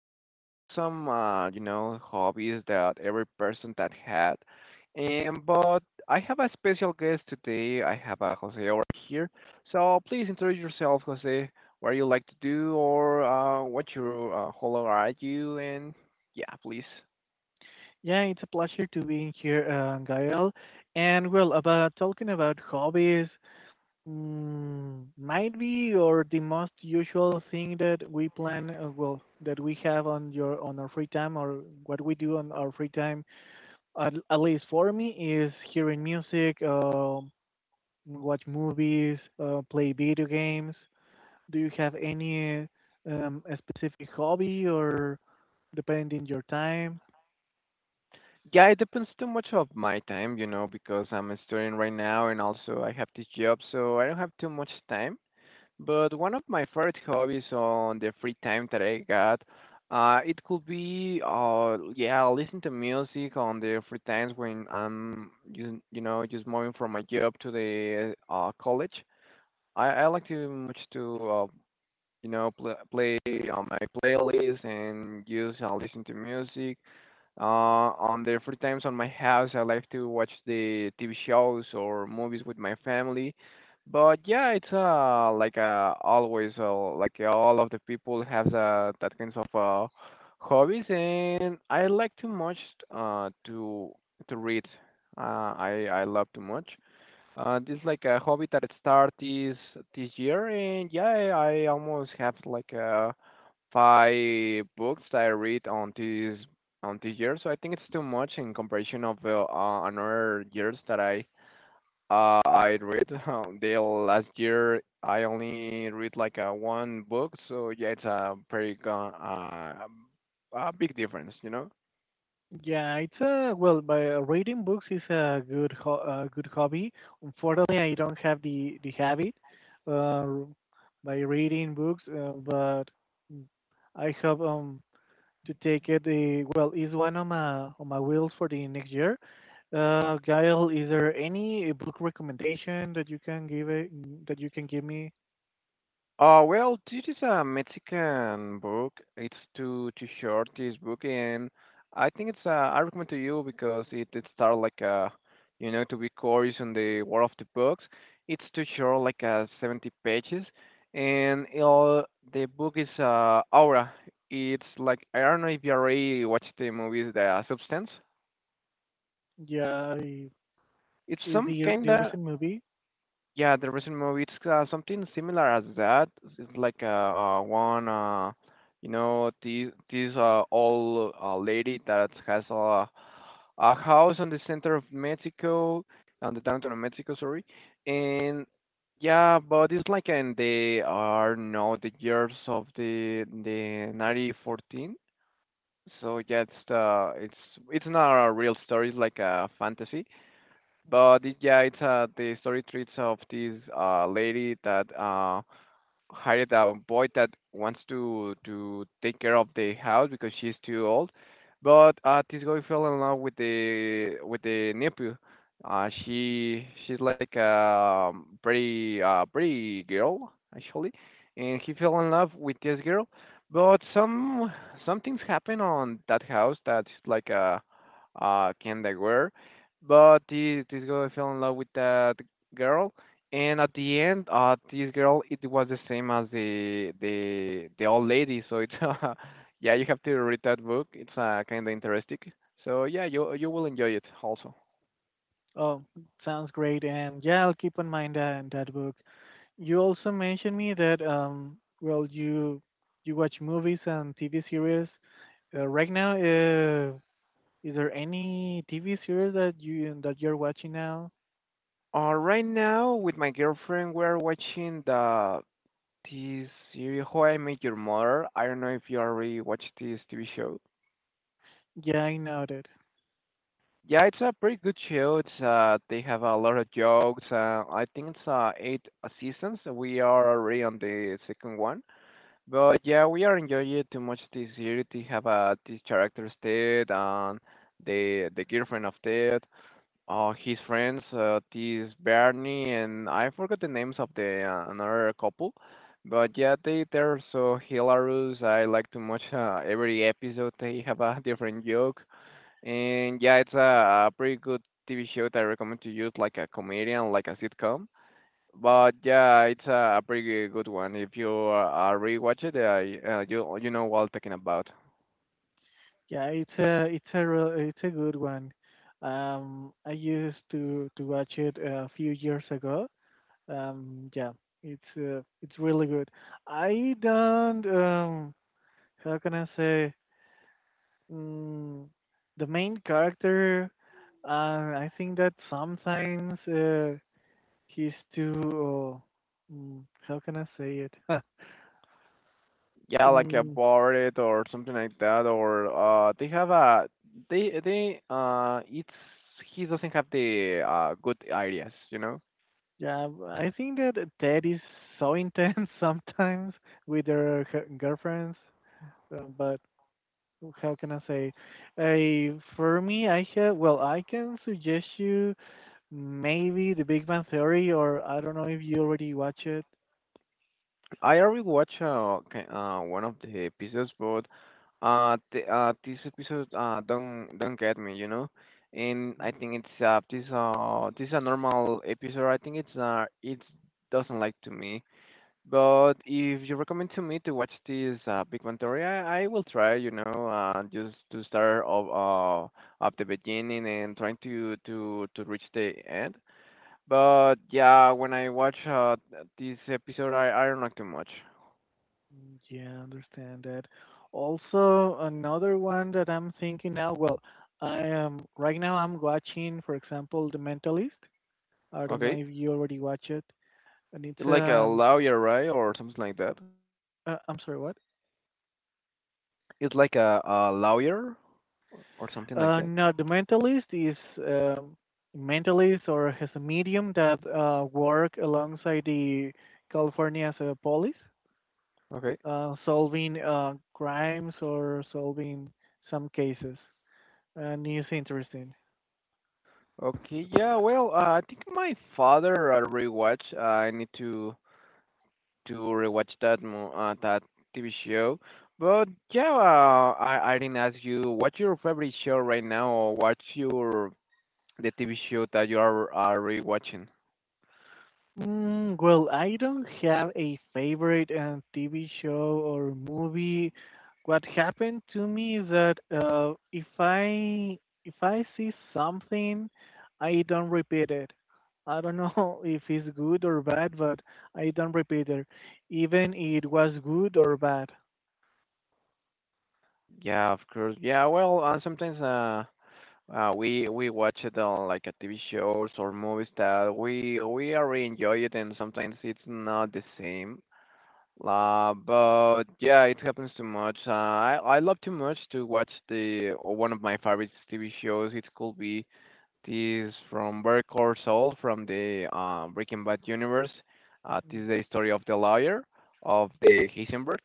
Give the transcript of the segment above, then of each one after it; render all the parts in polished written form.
are talking about some hobbies that every person that had. And but I have a special guest today. I have a Jose over here. So please introduce yourself, Jose. What you like to do, or what your how old are you? And yeah, please. Yeah, it's a pleasure to be here, Gael. And well, about talking about hobbies, might be or the most usual thing that we plan, well, that we have on our free time or what we do on our free time, at least for me, is hearing music, watch movies, play video games. Do you have any a specific hobby or depending your time? Yeah, it depends too much of my time, because I'm a student right now and also I have this job, so I don't have too much time. But one of my favorite hobbies on the free time that I got, it could be, yeah, listen to music on the free times when I'm, just moving from my job to the college. I like to much to, pl play on my playlist and just listen to music uh, on the free times on my house. I like to watch the TV shows or movies with my family. But yeah, it's like always like all of the people have that kinds of hobbies, and I like too much to read. I love too much. This is like a hobby that it start this year, and yeah, I almost have like five books that I read on this year, so I think it's too much in comparison of another years that I read. The last year I only read like one book, so yeah, it's a pretty a big difference, you know. Yeah, it's a well, by reading books is a good hobby. Unfortunately, I don't have the habit uh, by reading books, but I have to take it. The well is one of my wills for the next year. Gail, is there any book recommendation that you can give me? Well, this is a Mexican book. It's too short, this book, and I think it's I recommend to you because it start like a you know to be curious on the world of the books. It's too short, like 70 pages, and the book is Aura. It's like I don't know if you already watched the movie The Substance. Yeah, I- It's is some the kinda. recent movie? Yeah, the recent movie, it's something similar as that. It's like one, you know, this old lady that has a house on the center of Mexico, on the downtown of Mexico, sorry. And yeah, but it's like in the are no the years of the 1914. So yeah, it's not a real story. It's like a fantasy, but it, yeah, it's the story treats of this lady that hired a boy that wants to take care of the house because she's too old. But this girl fell in love with the nephew. She's like a pretty pretty girl actually, and he fell in love with this girl. But some things happen on that house that's like a kinda weird. But this girl fell in love with that girl, and at the end, this girl, it was the same as the old lady. So it's yeah, you have to read that book. It's kind of interesting. So yeah, you will enjoy it also. Oh, sounds great, and yeah, I'll keep in mind that book. You also mentioned me that well you watch movies and TV series. Right now, is there any TV series that you're watching now? Right now with my girlfriend, we're watching the this series How I Met Your Mother. I don't know if you already watched this TV show. Yeah, I know that. Yeah, it's a pretty good show. It's they have a lot of jokes. I think it's eight seasons. We are already on the second one. But yeah, we are enjoying it too much this year to have these characters Ted and the girlfriend of Ted, his friends, this Barney, and I forgot the names of the another couple. But yeah, they're so hilarious. I like too much every episode. They have a different joke, and yeah, it's a pretty good TV show that I recommend to you, like a comedian, like a sitcom. But yeah, it's a pretty good one. If you rewatch it, you know what I'm talking about. Yeah, it's a good one. I used to watch it a few years ago. Yeah, it's really good. I don't, how can I say, Mm, the main character, I think that sometimes he's too. How can I say it? Yeah, like Mm, about it or something like that. Or they have a they it's he doesn't have the good ideas, you know. yeah, I think that Ted is so intense sometimes with her girlfriends, but how can I say? For me, I have well, I can suggest you maybe The Big Bang Theory, or I don't know if you already watch it. I already watched one of the episodes, but this episode don't get me, you know. And I Mm. think it's this is a normal episode. I think it doesn't like to me. But if you recommend to me to watch this Big Bang Theory, I will try. You know, just to start of at the beginning and trying to to reach the end. But yeah, when I watch this episode, I don't like too much. Mm, yeah, understand that. Also, another one that I'm thinking now, well, I am right now I'm watching, for example, The Mentalist. I don't know Okay. if you already watch it. And it's It's like a lawyer, right? Or something like that. I'm sorry, what? It's like a lawyer or something like that. No, The Mentalist is mentalist or has a medium that work alongside the California's police Okay. Solving crimes or solving some cases. And it's interesting. Okay. Yeah. Well, I think my father rewatch. I need to rewatch that TV show. But yeah, I didn't ask you what's your favorite show right now, or what's your the TV show that you are rewatching. Well, I don't have a favorite TV show or movie. What happened to me is that if I see something, I don't repeat it. I don't know if it's good or bad, but I don't repeat it, even it was good or bad. Yeah, of course. Yeah. Well, sometimes we watch it on like a TV shows or movies that we are enjoy it and sometimes it's not the same. But yeah, it happens too much. I love too much to watch the one of my favorite TV shows. It could be this from Better Call from the Breaking Bad universe. This is the story of the lawyer of the Heisenberg.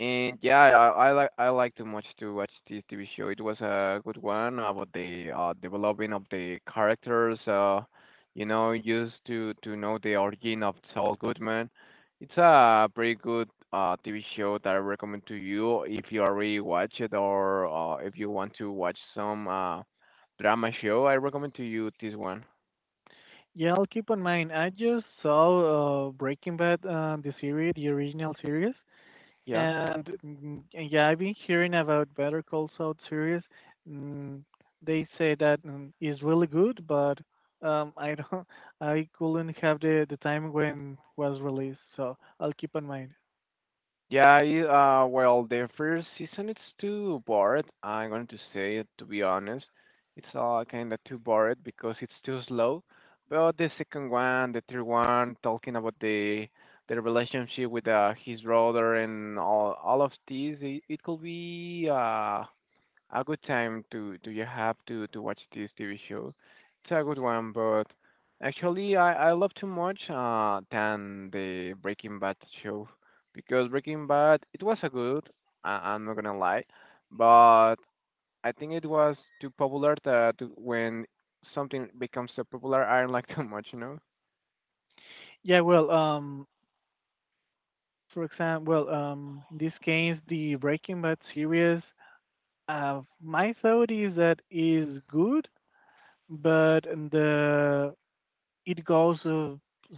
And yeah, I like too much to watch this TV show. It was a good one about the developing of the characters. You know, used to know the origin of Saul Goodman. It's a pretty good TV show that I recommend to you if you already watch it, or if you want to watch some. Drama show. I recommend to you this one. Yeah, I'll keep in mind. I just saw Breaking Bad, the series, the original series. Yeah. And mm, yeah, I've been hearing about Better Call Saul series. Mm, they say that, is really good, but I don't, I couldn't have the time when was released, so I'll keep in mind. Yeah, well, the first season it's too bored. I'm going to say it to be honest. It's kind of too bored because it's too slow. But the second one, the third one, talking about the relationship with his brother and all of this, it could be a good time to you have to watch this TV show. It's a good one, but actually I love too much than the Breaking Bad show, because Breaking Bad it was a good. I, I'm not gonna lie, but I think it was too popular that when something becomes so popular I don't like too much, you know? Yeah, well, for example, well, in this case, the Breaking Bad series, my thought is that is good, but the it goes, uh,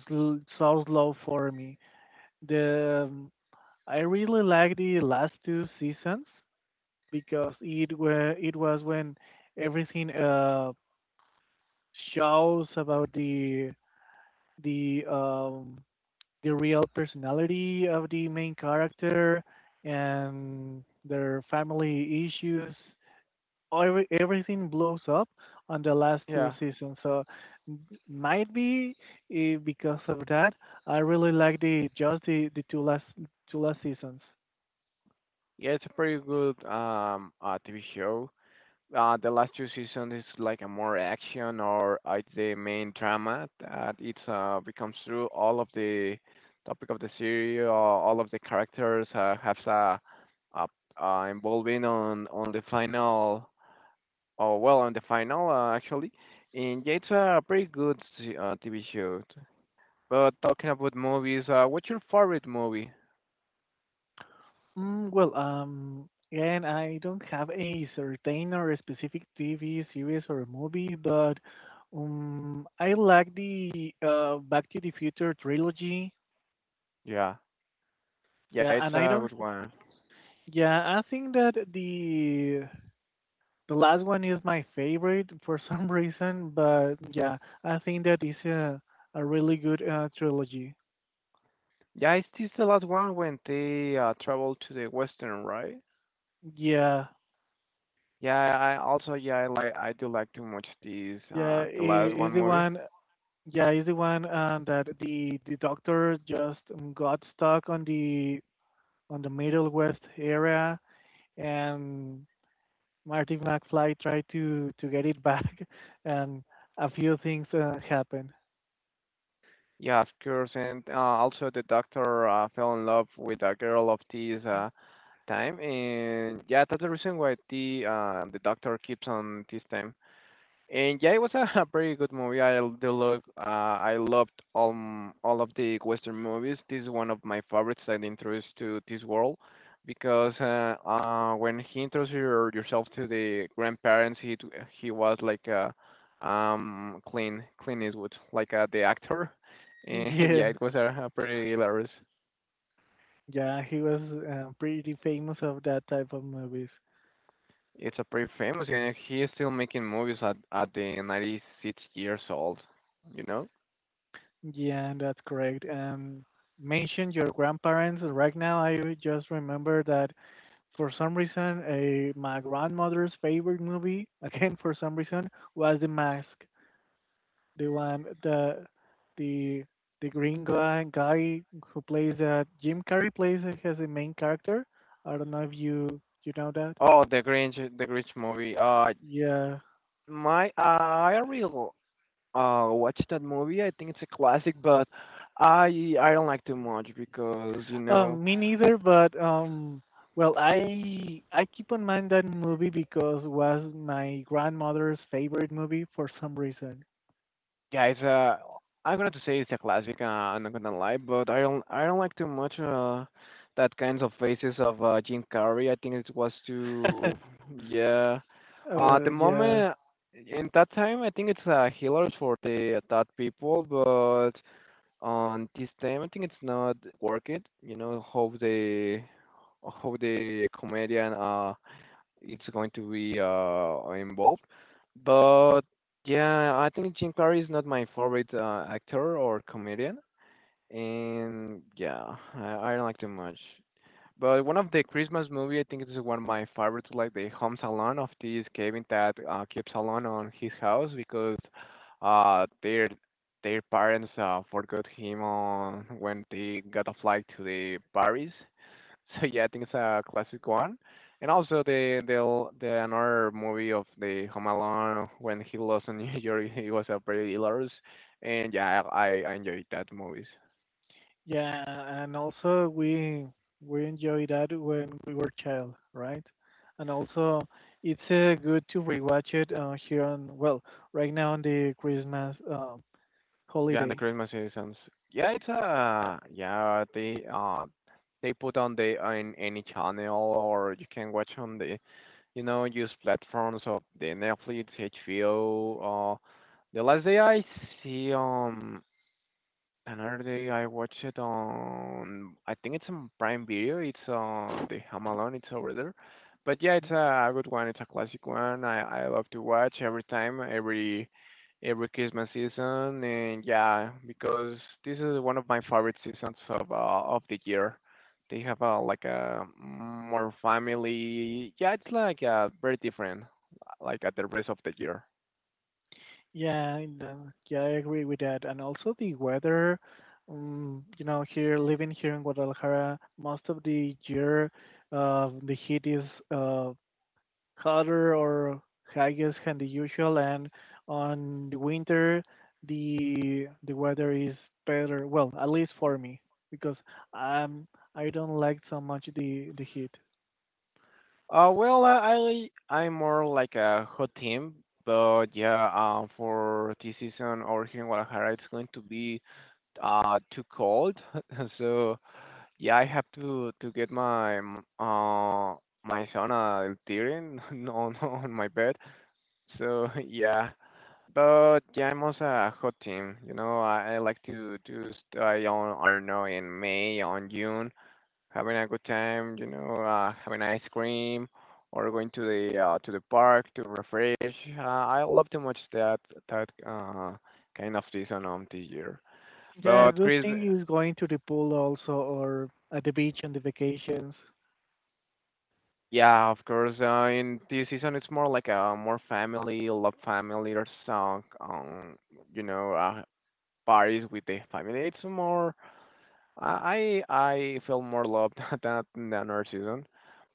sl- so slow for me. The I really like the last two seasons because it was when everything shows about the um the real personality of the main character and their family issues. Everything blows up on the last two Yeah. seasons. So m- might be, because of that. I really like the just the two last seasons. Yeah, it's a pretty good TV show. Uh, the last two seasons is like a more action, or it's the main drama that it becomes through all of the topic of the series, or all of the characters have uh, involving on the final. Oh well, on the final actually, and yeah, it's a pretty good TV show. But talking about movies, what's your favorite movie? Well, again, I don't have a certain or a specific TV series or movie, but I like the Back to the Future trilogy. Yeah, yeah, Yeah, it's and I a good don't. one. Yeah, I think that the last one is my favorite for some reason, but yeah, I think that is a really good trilogy. Yeah, it's this the last one when they travel to the western, right? Yeah, Yeah, I also, yeah, I like I do like to watch these yeah, the last is one the movie. one Yeah, is the one that the doctor just, got stuck on the Middle West area, and Marty McFly tried to get it back, and a few things happened. Yeah, of course, and also the doctor fell in love with a girl of this time, and yeah, that's the reason why the doctor keeps on this time. And yeah, it was a, pretty good movie. Do love, I loved all of the Western movies. This is one of my favorites that introduced to this world, because when he introduced your, yourself to the grandparents, he was like clean Clint Eastwood, like the actor, and Yeah, yeah, it was a pretty hilarious. yeah, he was pretty famous of that type of movies. It's a pretty famous, and he is still making movies at the 96 years old, you know. Yeah, that's correct. Mention your grandparents. Right now, I just remember that for some reason, my grandmother's favorite movie, again for some reason, was The Mask. The one, the the the green guy who plays Jim Carrey plays it as the main character. I don't know if you know that. Oh, the Grinch movie. Oh, Yeah. my, I will watch that movie. I think it's a classic, but I don't like too much because you know, Me neither, but well, I keep on mind that movie because was my grandmother's favorite movie for some reason. guys. I'm gonna to say it's a classic. I'm not gonna lie, but I don't like too much that kinds of faces of Jim Carrey. I think it was too yeah. The Yeah. moment in that time, I think it's hilarious for the that people, but on this time I think it's not worth it how the comedian it's going to be involved but yeah I think Jim Carrey is not my favorite actor or comedian. And yeah, I don't like too much, but one of the Christmas movie, I think it is one of my favorites, like the Home Salon of this Kevin that keeps alone on his house because uh their their parents forgot him on when they got a flight to the Paris. So yeah, I think it's a classic one. And also the another movie of the Home Alone when he lost in New York, it was a pretty hilarious. And yeah, I enjoyed that movies. Yeah, and also we enjoy that when we were child, right? And also it's good to rewatch it here on well, right now on the Christmas Yeah, and the holidays. Christmas seasons. Yeah, it's yeah, they put on the on any channel, or you can watch on the use platforms of the Netflix, HBO, the last see um day, I watched it on, I think it's on Prime Video. It's on the Home Alone. It's over there. But yeah, it's a good one. It's a classic one. I love to watch every time, every Christmas season. And yeah, because this is one of my favorite seasons of the year. They have a like a more family. Yeah, it's like very different, like at the rest of the year. Yeah, and, yeah, I agree with that. And also the weather, here living here in Guadalajara, most of the year, the heat is uh, hotter or I than the usual, and on the winter the weather is better. Well, at least for me, because um I don't like so much the heat. Well, I'm more like a hot team, but yeah, for this season over here in Guadalajara, it's going to be too cold, so yeah, I have to get my my sauna during on my bed. So yeah, but yeah, I'm also a hot team. You know, I like to stay on, I don't know, in May on June, having a good time, you know, having ice cream or going to the to the park to refresh. I love too much that kind of season of the year. Yeah, a But good Chris, thing is going to the pool also or at the beach on the vacations. yeah, of course, in this season it's more like a more family, love family or song, you know, uh, parties with the family. It's more, I feel more love than our season,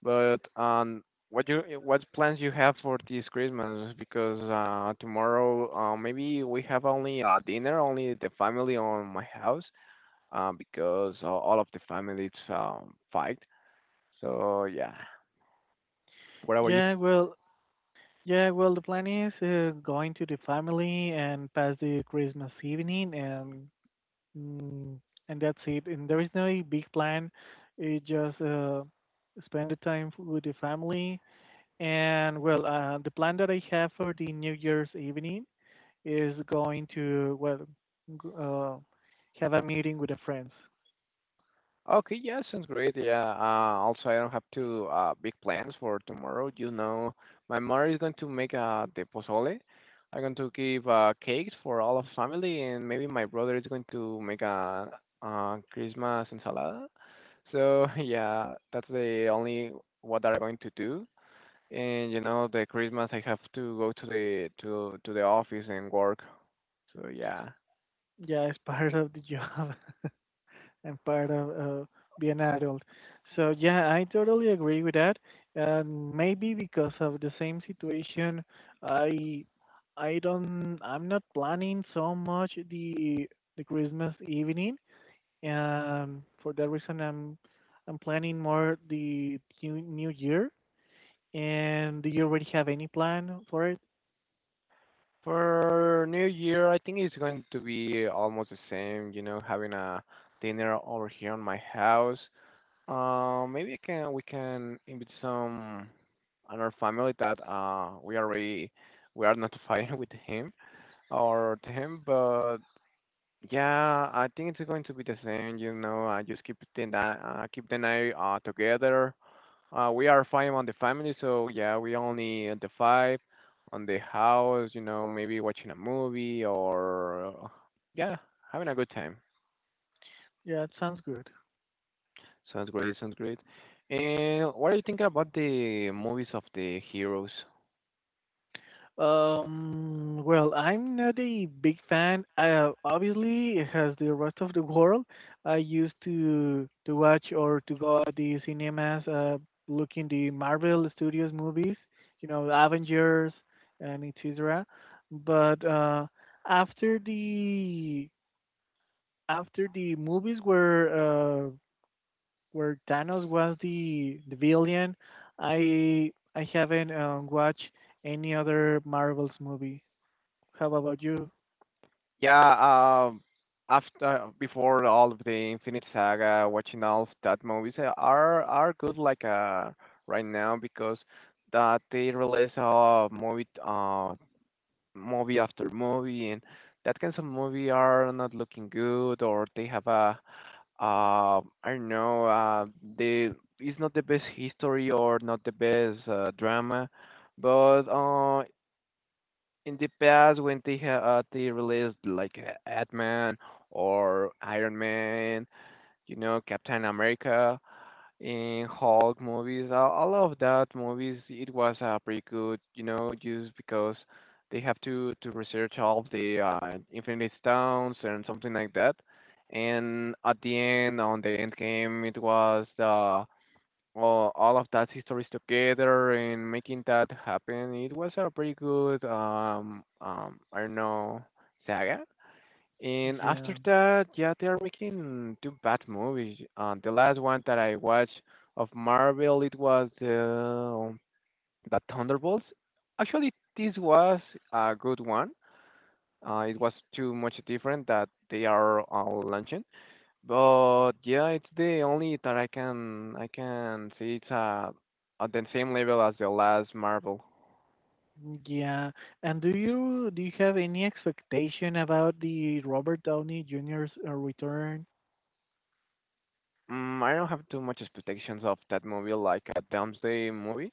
but what you what plans you have for this Christmas? Because tomorrow maybe we have only dinner, only the family on my house, because all of the family it's fight. So yeah, what about you? Yeah, well, the plan is going to the family and pass the Christmas evening Mm, and that's it. And there is no big plan. It just spend the time with the family. And well, the plan that I have for the New Year's evening is going to g- uh, have a meeting with the friends. Okay, yeah, sounds great. Yeah. Also, I don't have too big plans for tomorrow. You know, my mother is going to make the pozole. I'm going to give cakes for all of family, and maybe my brother is going to make a Christmas ensalada. So yeah, that's the only what I'm going to do. And you know, the Christmas I have to go to the office and work. So yeah. Yeah, it's part of the job. And part of be an adult. So yeah, I totally agree with that. And maybe because of the same situation, I I don't, I'm not planning so much the Christmas evening, and for that reason I'm planning more the new year. And do you already have any plan for it? For New Year, I think it's going to be almost the same, you know, having a dinner over here on my house. Maybe I can we can invite some another family that we already we are notified with him or to him, but yeah, I think it's going to be the same, you know. I just keep keep the night together. We are five on the family, so yeah, we only at the five on the house, you know, maybe watching a movie or yeah, having a good time. Yeah, it sounds good. Sounds great, sounds great. And what are you thinking about the movies of the heroes? Well, I'm not a big fan. Obviously, as the rest of the world, I used to watch or to go at the cinemas, looking the Marvel Studios movies, Avengers and etc. But after the after the movies where, where Thanos was the villain, I haven't watched any other Marvel's movie. How about you? Yeah, after before all of the Infinite Saga, watching all of that movies are good like right now because that they release a movie after movie, and that kinds of movie are not looking good, or they have I don't know, they it's not the best history or not the best drama, but in the past when they they released like Ant-Man or Iron Man, you know, Captain America in Hulk movies. I love that movies. It was pretty good, you know, just because they have to research all of the Infinity Stones and something like that. And at the end, on the end game, it was all of that histories together and making that happen. It was a pretty good I don't know, saga. And after Yeah, that, yeah, they are making two bad movies. The last one that I watched of Marvel, it was the Thunderbolts. Actually, this was a good one. It was too much different that they are launching, but yeah, it's the only that I can say it's at the same level as the last Marvel. yeah. And do you have any expectation about the Robert Downey Jr.'s return? I don't have too much expectations of that movie, like a Doomsday movie.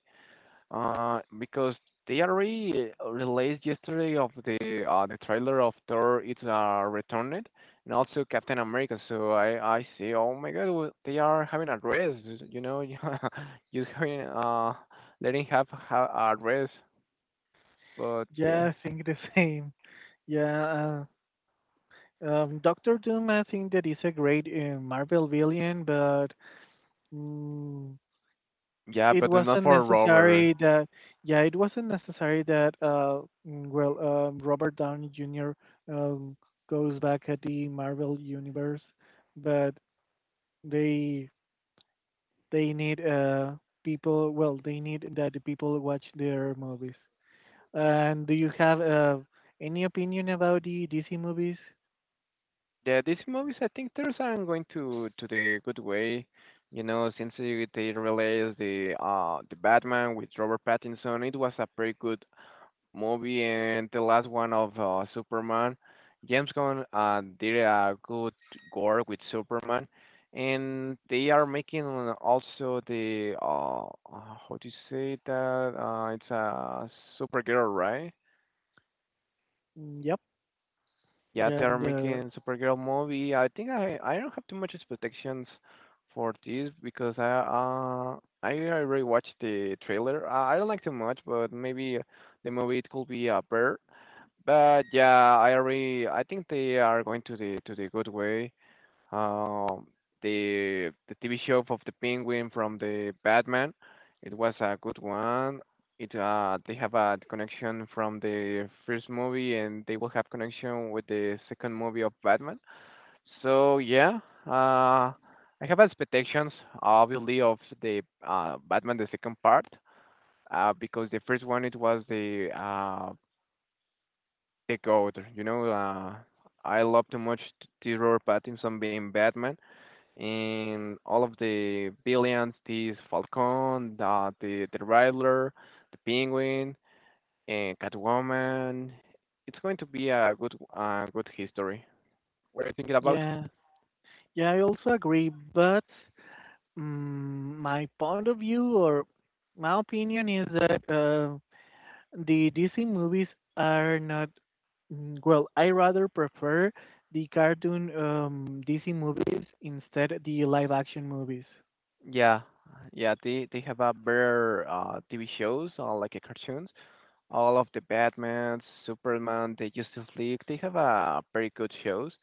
Because they already released yesterday of the trailer of Thor, it's returned and also Captain America. So I see. Oh my God, well, they are having a rest. You know, yeah, just having letting have a rest. But Yeah, yeah, I think the same. Yeah, Doctor Doom. I think that is a great Marvel villain, but mm, yeah, it but it's not wasn't for Robert. necessary that. Yeah, it wasn't necessary that. Well, Robert Downey Jr. Um, goes back at the Marvel universe, but they They need people. Well, they need that the people watch their movies. And do you have any opinion about the DC movies? Yeah, these movies I think they're are going to the good way. You know, since they released the Batman with Robert Pattinson, it was a pretty good movie, and the last one of Superman. James Gunn did a good work with Superman, and they are making also the how do you say that? It's a Supergirl, right? Mm, yep. Yeah, they Yeah. are making Supergirl movie. I think I don't have too much expectations for this because I already watched the trailer. I don't like too much, but maybe the movie it could be a better. But yeah, I agree. I think they are going to the good way. Um, the TV show of the Penguin from the Batman, it was a good one. It They have a connection from the first movie, and they will have connection with the second movie of Batman. So yeah, uh, I have expectations, obviously, of the Batman the second part. Because the first one it was the a goat. You know, I love too much Robert Pattinson being Batman and all of the villains, this Falcon, the Riddler, the Penguin, and Catwoman. It's going to be a good good history. What are you thinking about? Yeah. Yeah. I also agree, but my point of view or my opinion is that the DC movies are not. Well, I rather prefer the cartoon, DC movies instead the live action movies, Yeah, yeah, they have a better TV shows like cartoons. All of the Batman, Superman, the Justice League, they have a very good shows.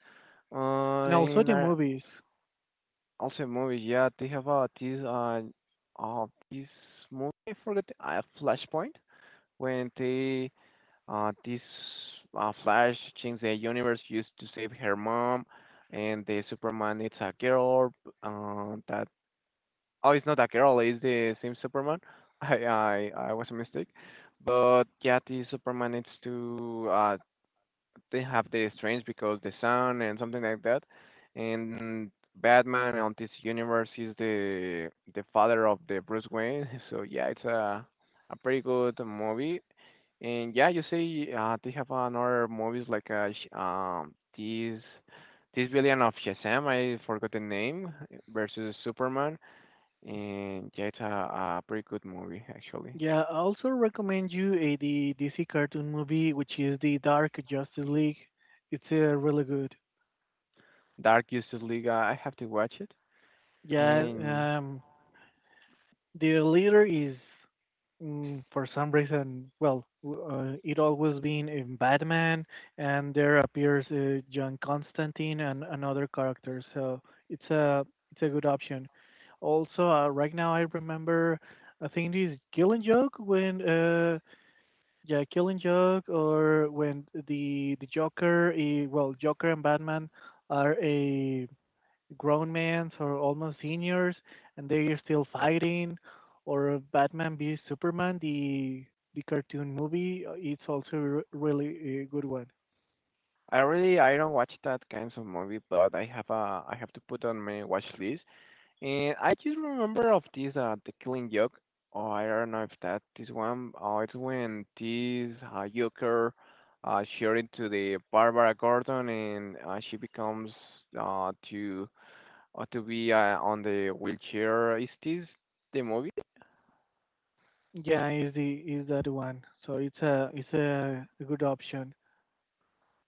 Uh, and also and the I, movies. Also, movie, yeah, they have this this movie. I forget Flashpoint when they this Flash change the universe used to save her mom, and the Superman it's a girl. That Oh, it's not a girl. It's the same Superman. I was a mistake, but yeah, the Superman needs to they have the strange because the sun and something like that. And Batman on this universe is the father of the Bruce Wayne. So yeah, it's a pretty good movie. And yeah, you say they have another movies like Sh- this this villain of Shazam, I forgot the name, versus Superman. And yeah, it's a pretty good movie actually. Yeah, I also recommend you a the DC cartoon movie, which is the Dark Justice League. It's really good. Dark Justice League, I have to watch it. Yeah, And the leader is, for some reason, well, it always been in Batman, and there appears John Constantine and another character. So it's a it's a good option. Also, right now I remember, I think it is Killing Joke when, yeah, Killing Joke, or when the Joker, well, Joker and Batman are a grown men or almost seniors, and they are still fighting, or Batman v Superman, the cartoon movie. It's also really a good one. I really I don't watch that kinds of movie, but I have to put on my watch list. And I just remember of this the Killing Joke. Oh, I don't know if that is one. Oh, it's when this Joker showed it to the Barbara Gordon, and she becomes uh to to be on the wheelchair. Is this the movie? Yeah, is that one. So it's a good option.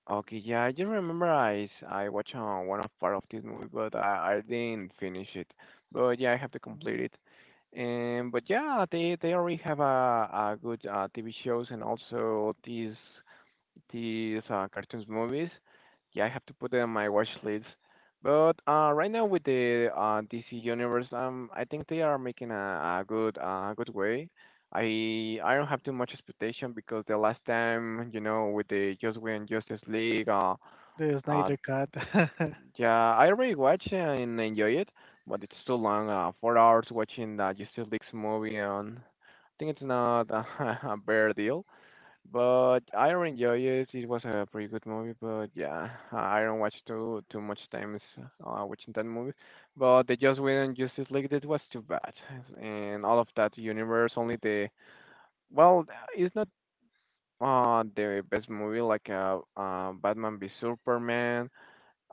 Okay, yeah, I just remember I watched one of part of this movie, but I didn't finish it. But yeah, I have to complete it. And but yeah, they already have a good TV shows and also these cartoons movies. Yeah, I have to put them on my watch list. But right now with the DC Universe, I think they are making a good good way. I don't have too much expectation because the last time, you know, with the Just Win Justice League, The uh, Snyder Cut. yeah, I already watched and enjoy it, but it's too long. 4 hours watching the Justice League's movie on. I think it's not a bear deal. But I really enjoy it. It was a pretty good movie, but yeah, I don't watch too much times watching that movie. But the Just Win and Justice League, that was too bad, and all of that universe. Only the well, it's not the best movie like Batman v Superman.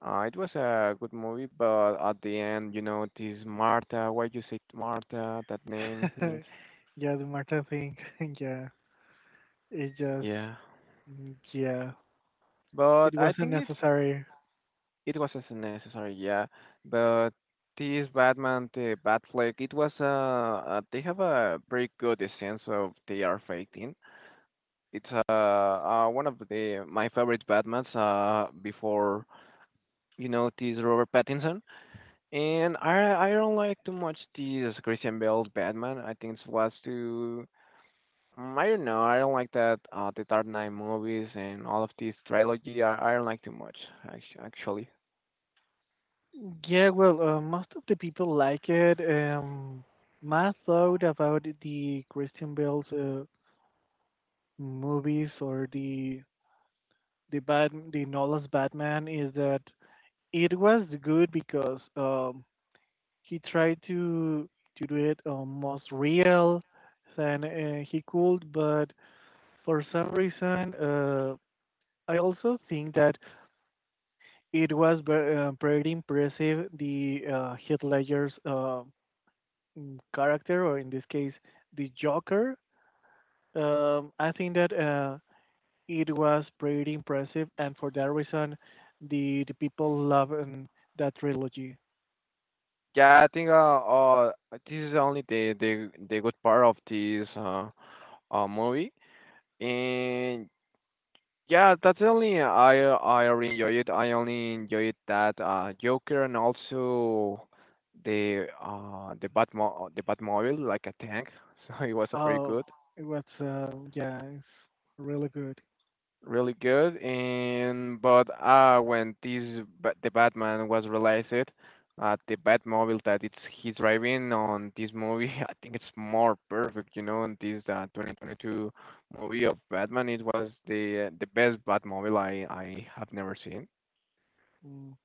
It was a good movie, but at the end, you know, this Martha. Why you say Martha? That name? Yeah, the Martin thing. Yeah, it's just Yeah, mm, yeah. but It I wasn't think it's necessary. it wasn't necessary, yeah. But this Batman, the Batfleck, it was they have a very good sense of they are fighting. It's one of the my favorite Batmans before you know this Robert Pattinson, and I don't like too much this Christian Bale's Batman. I think it was too. I don't know. I don't like that the Dark Knight movies and all of this trilogy. I don't like too much, actually. Yeah, well, most of the people like it. My thought about the Christian Bale's movies or the Nolan's Batman is that it was good because he tried to do it, most real than he could, but for some reason I also think that it was pretty impressive the Heath Ledger's character, or in this case, the Joker. I think that it was pretty impressive, and for that reason, the people love, that trilogy. Yeah, I think this is only the the good part of this movie, and yeah, that's only I really enjoy it. I only enjoyed that Joker and also the Batmo the Batmobile like a tank. So it was a pretty Oh, good. it was yeah, it's really good. Really good. And but when this the Batman was released, the Batmobile that it's he's driving on this movie, I think it's more perfect. You know, in this 2022 movie of Batman, it was the best Batmobile I have never seen. Mm.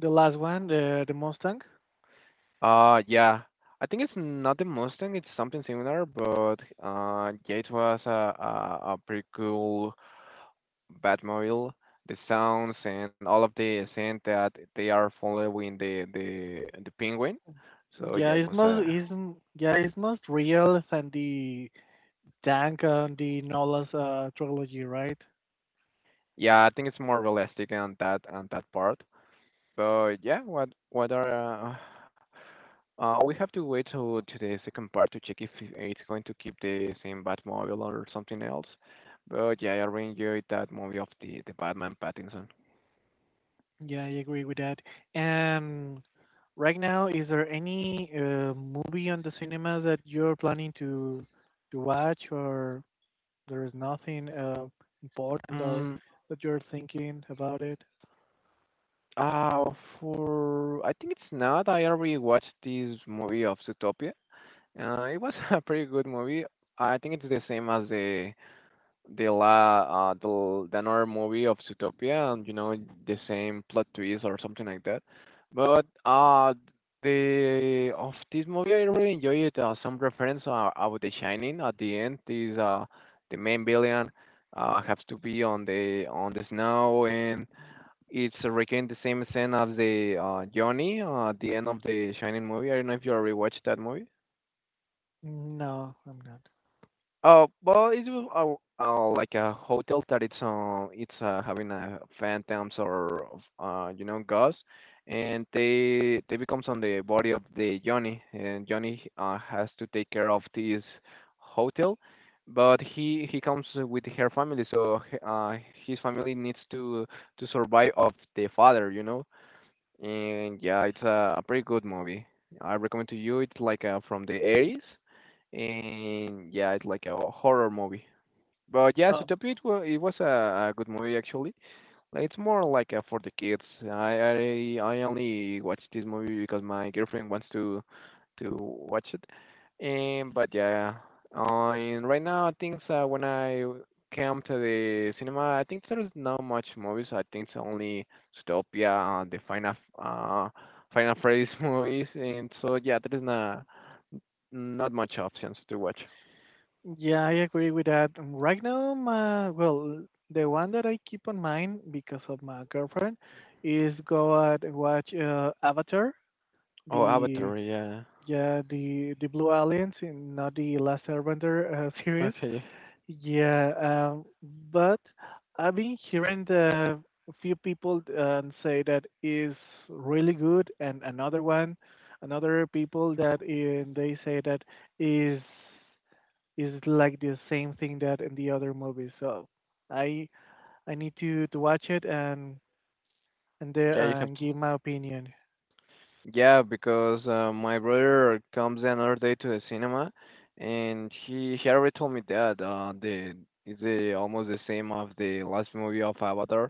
The last one, the Mustang. Yeah. I think it's not the Mustang, it's something similar, but yeah, it was a pretty cool Batmobile, the sounds and all of the scene that they are following the the penguin. So Yeah, yeah, it it's was a most is yeah, it's most real than the tank and the Nola's trilogy, right? yeah. I think it's more realistic on that part. But yeah, what are we have to wait to the second part to check if it's going to keep the same Batmobile or something else. But yeah, I really enjoyed that movie of the Batman Pattinson. Yeah, I agree with that. And right now, is there any movie on the cinema that you're planning to watch, or there is nothing important or Mm, that you're thinking about it? uh, for I think it's not. I already watched this movie of Zootopia. It was a pretty good movie. I think it's the same as the la the, l- the another movie of Zootopia, and you know the same plot twist or something like that. But The of this movie, I really enjoy it. Some reference about The Shining at the end is the main villain has to be on the snow and it's recreating the same scene as the Johnny, at the end of the Shining movie. I don't know if you already watched that movie. No, I'm not. Well, it was like a hotel that it's having phantoms or you know, ghosts, and they becomes on the body of the Johnny, and Johnny has to take care of this hotel, but he comes with her family, so his family needs to survive of the father, you know, and yeah, it's a pretty good movie. I recommend to you. It's like from the 80s, and yeah, it's like a horror movie. But yeah, Oh, Zootopia, it was a good movie actually. It's more like for the kids. I only watched this movie because my girlfriend wants to watch it. And but yeah, and right now I think when I came to the cinema, I think there is not much movies. I think it's only Zootopia, the Final Freddy's movies, and so yeah, there is not not much options to watch. yeah, I agree with that. Right now, well, the one that I keep on mind because of my girlfriend is go out and watch Avatar, Oh, the Avatar, yeah. yeah, the Blue Aliens in, not the Last Airbender series. Okay, Yeah, but I've been hearing the a few people say that is really good, and another people they say that is is like the same thing that in the other movies. So I I need to watch it and and, there yeah, you have and to. give my opinion. Yeah, because my brother comes another day to the cinema, and he already told me that the it's the almost the same of the last movie of Avatar.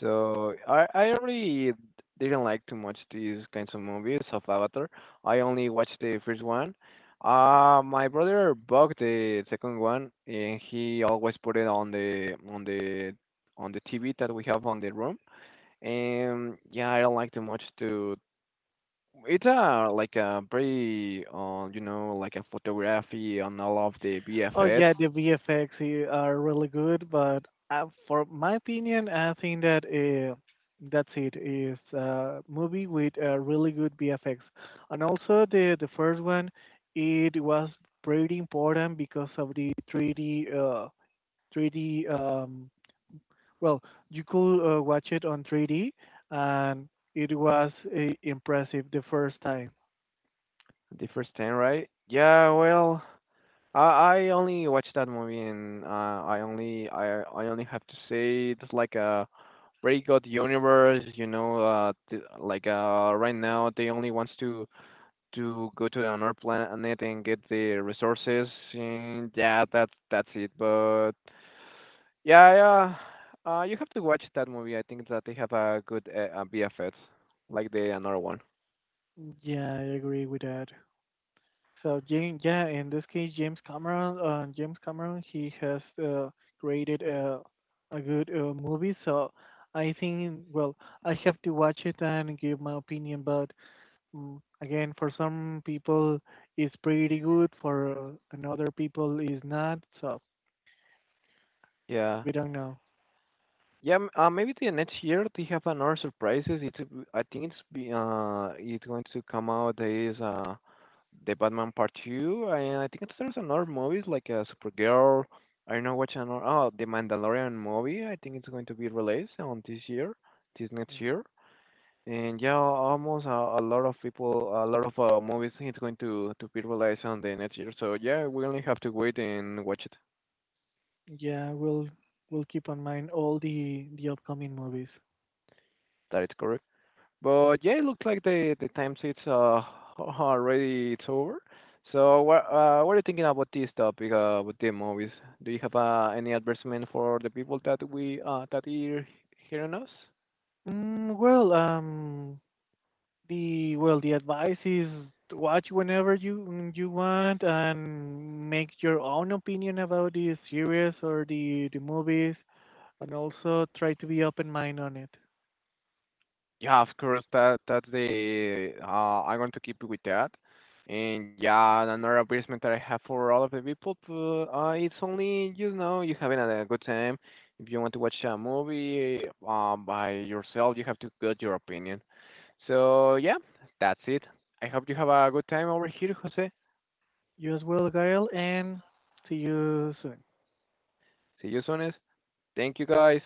So I already didn't like too much these kinds of movies of Avatar. I only watched the first one. My brother bought the second one, and he always put it on the TV that we have on the room. And yeah, I don't like too much to it's a like a pretty, you know, like a photography on all of the Oh VFX. yeah, the VFX are really good, but for my opinion, I think that that's it. Is a movie with a really good VFX, and also the first one, it was pretty important because of the 3D, well, you could watch it on 3D, and it was impressive the first time. The first time, right? Yeah. Well, I only watched that movie, and I only have to say it's like a pretty good universe. You know, like right now they only wants to go to another planet and get the resources. And yeah, that's it. But yeah, yeah. You have to watch that movie. I think that they have a good BFX, like the another one. Yeah, I agree with that. So, yeah, in this case, James Cameron, he has created a good movie. So I think, well, I have to watch it and give my opinion. But again, for some people, it's pretty good. For another people, is not. So Yeah, we don't know. yeah. Maybe the next year they have another surprises. I think it's going to come out is the Batman Part Two, and I think there's another movies like Supergirl. I don't know which another. Oh, the Mandalorian movie. I think it's going to be released on this year, this next Mm, year. And yeah, almost a lot of people, a lot of movies it's going to be released on the next year. So yeah, we only have to wait and watch it. yeah, we'll keep on mind all the upcoming movies. That is correct. But yeah, it looks like the time it's already it's over. So what are you thinking about this topic with the movies? Do you have any advertisement for the people that we that are hearing us? Well, The well, the advice is to watch whenever you want and make your own opinion about the series or the movies, and also try to be open mind on it. Yeah, of course. That that's the I'm going to keep with that. And yeah, another advertisement that I have for all of the people, to, it's only, you know, you having a good time. If you want to watch a movie by yourself, you have to get your opinion. So yeah, that's it. I hope you have a good time over here, Jose. You as well, Gail, and see you soon. See you soon. Thank you guys.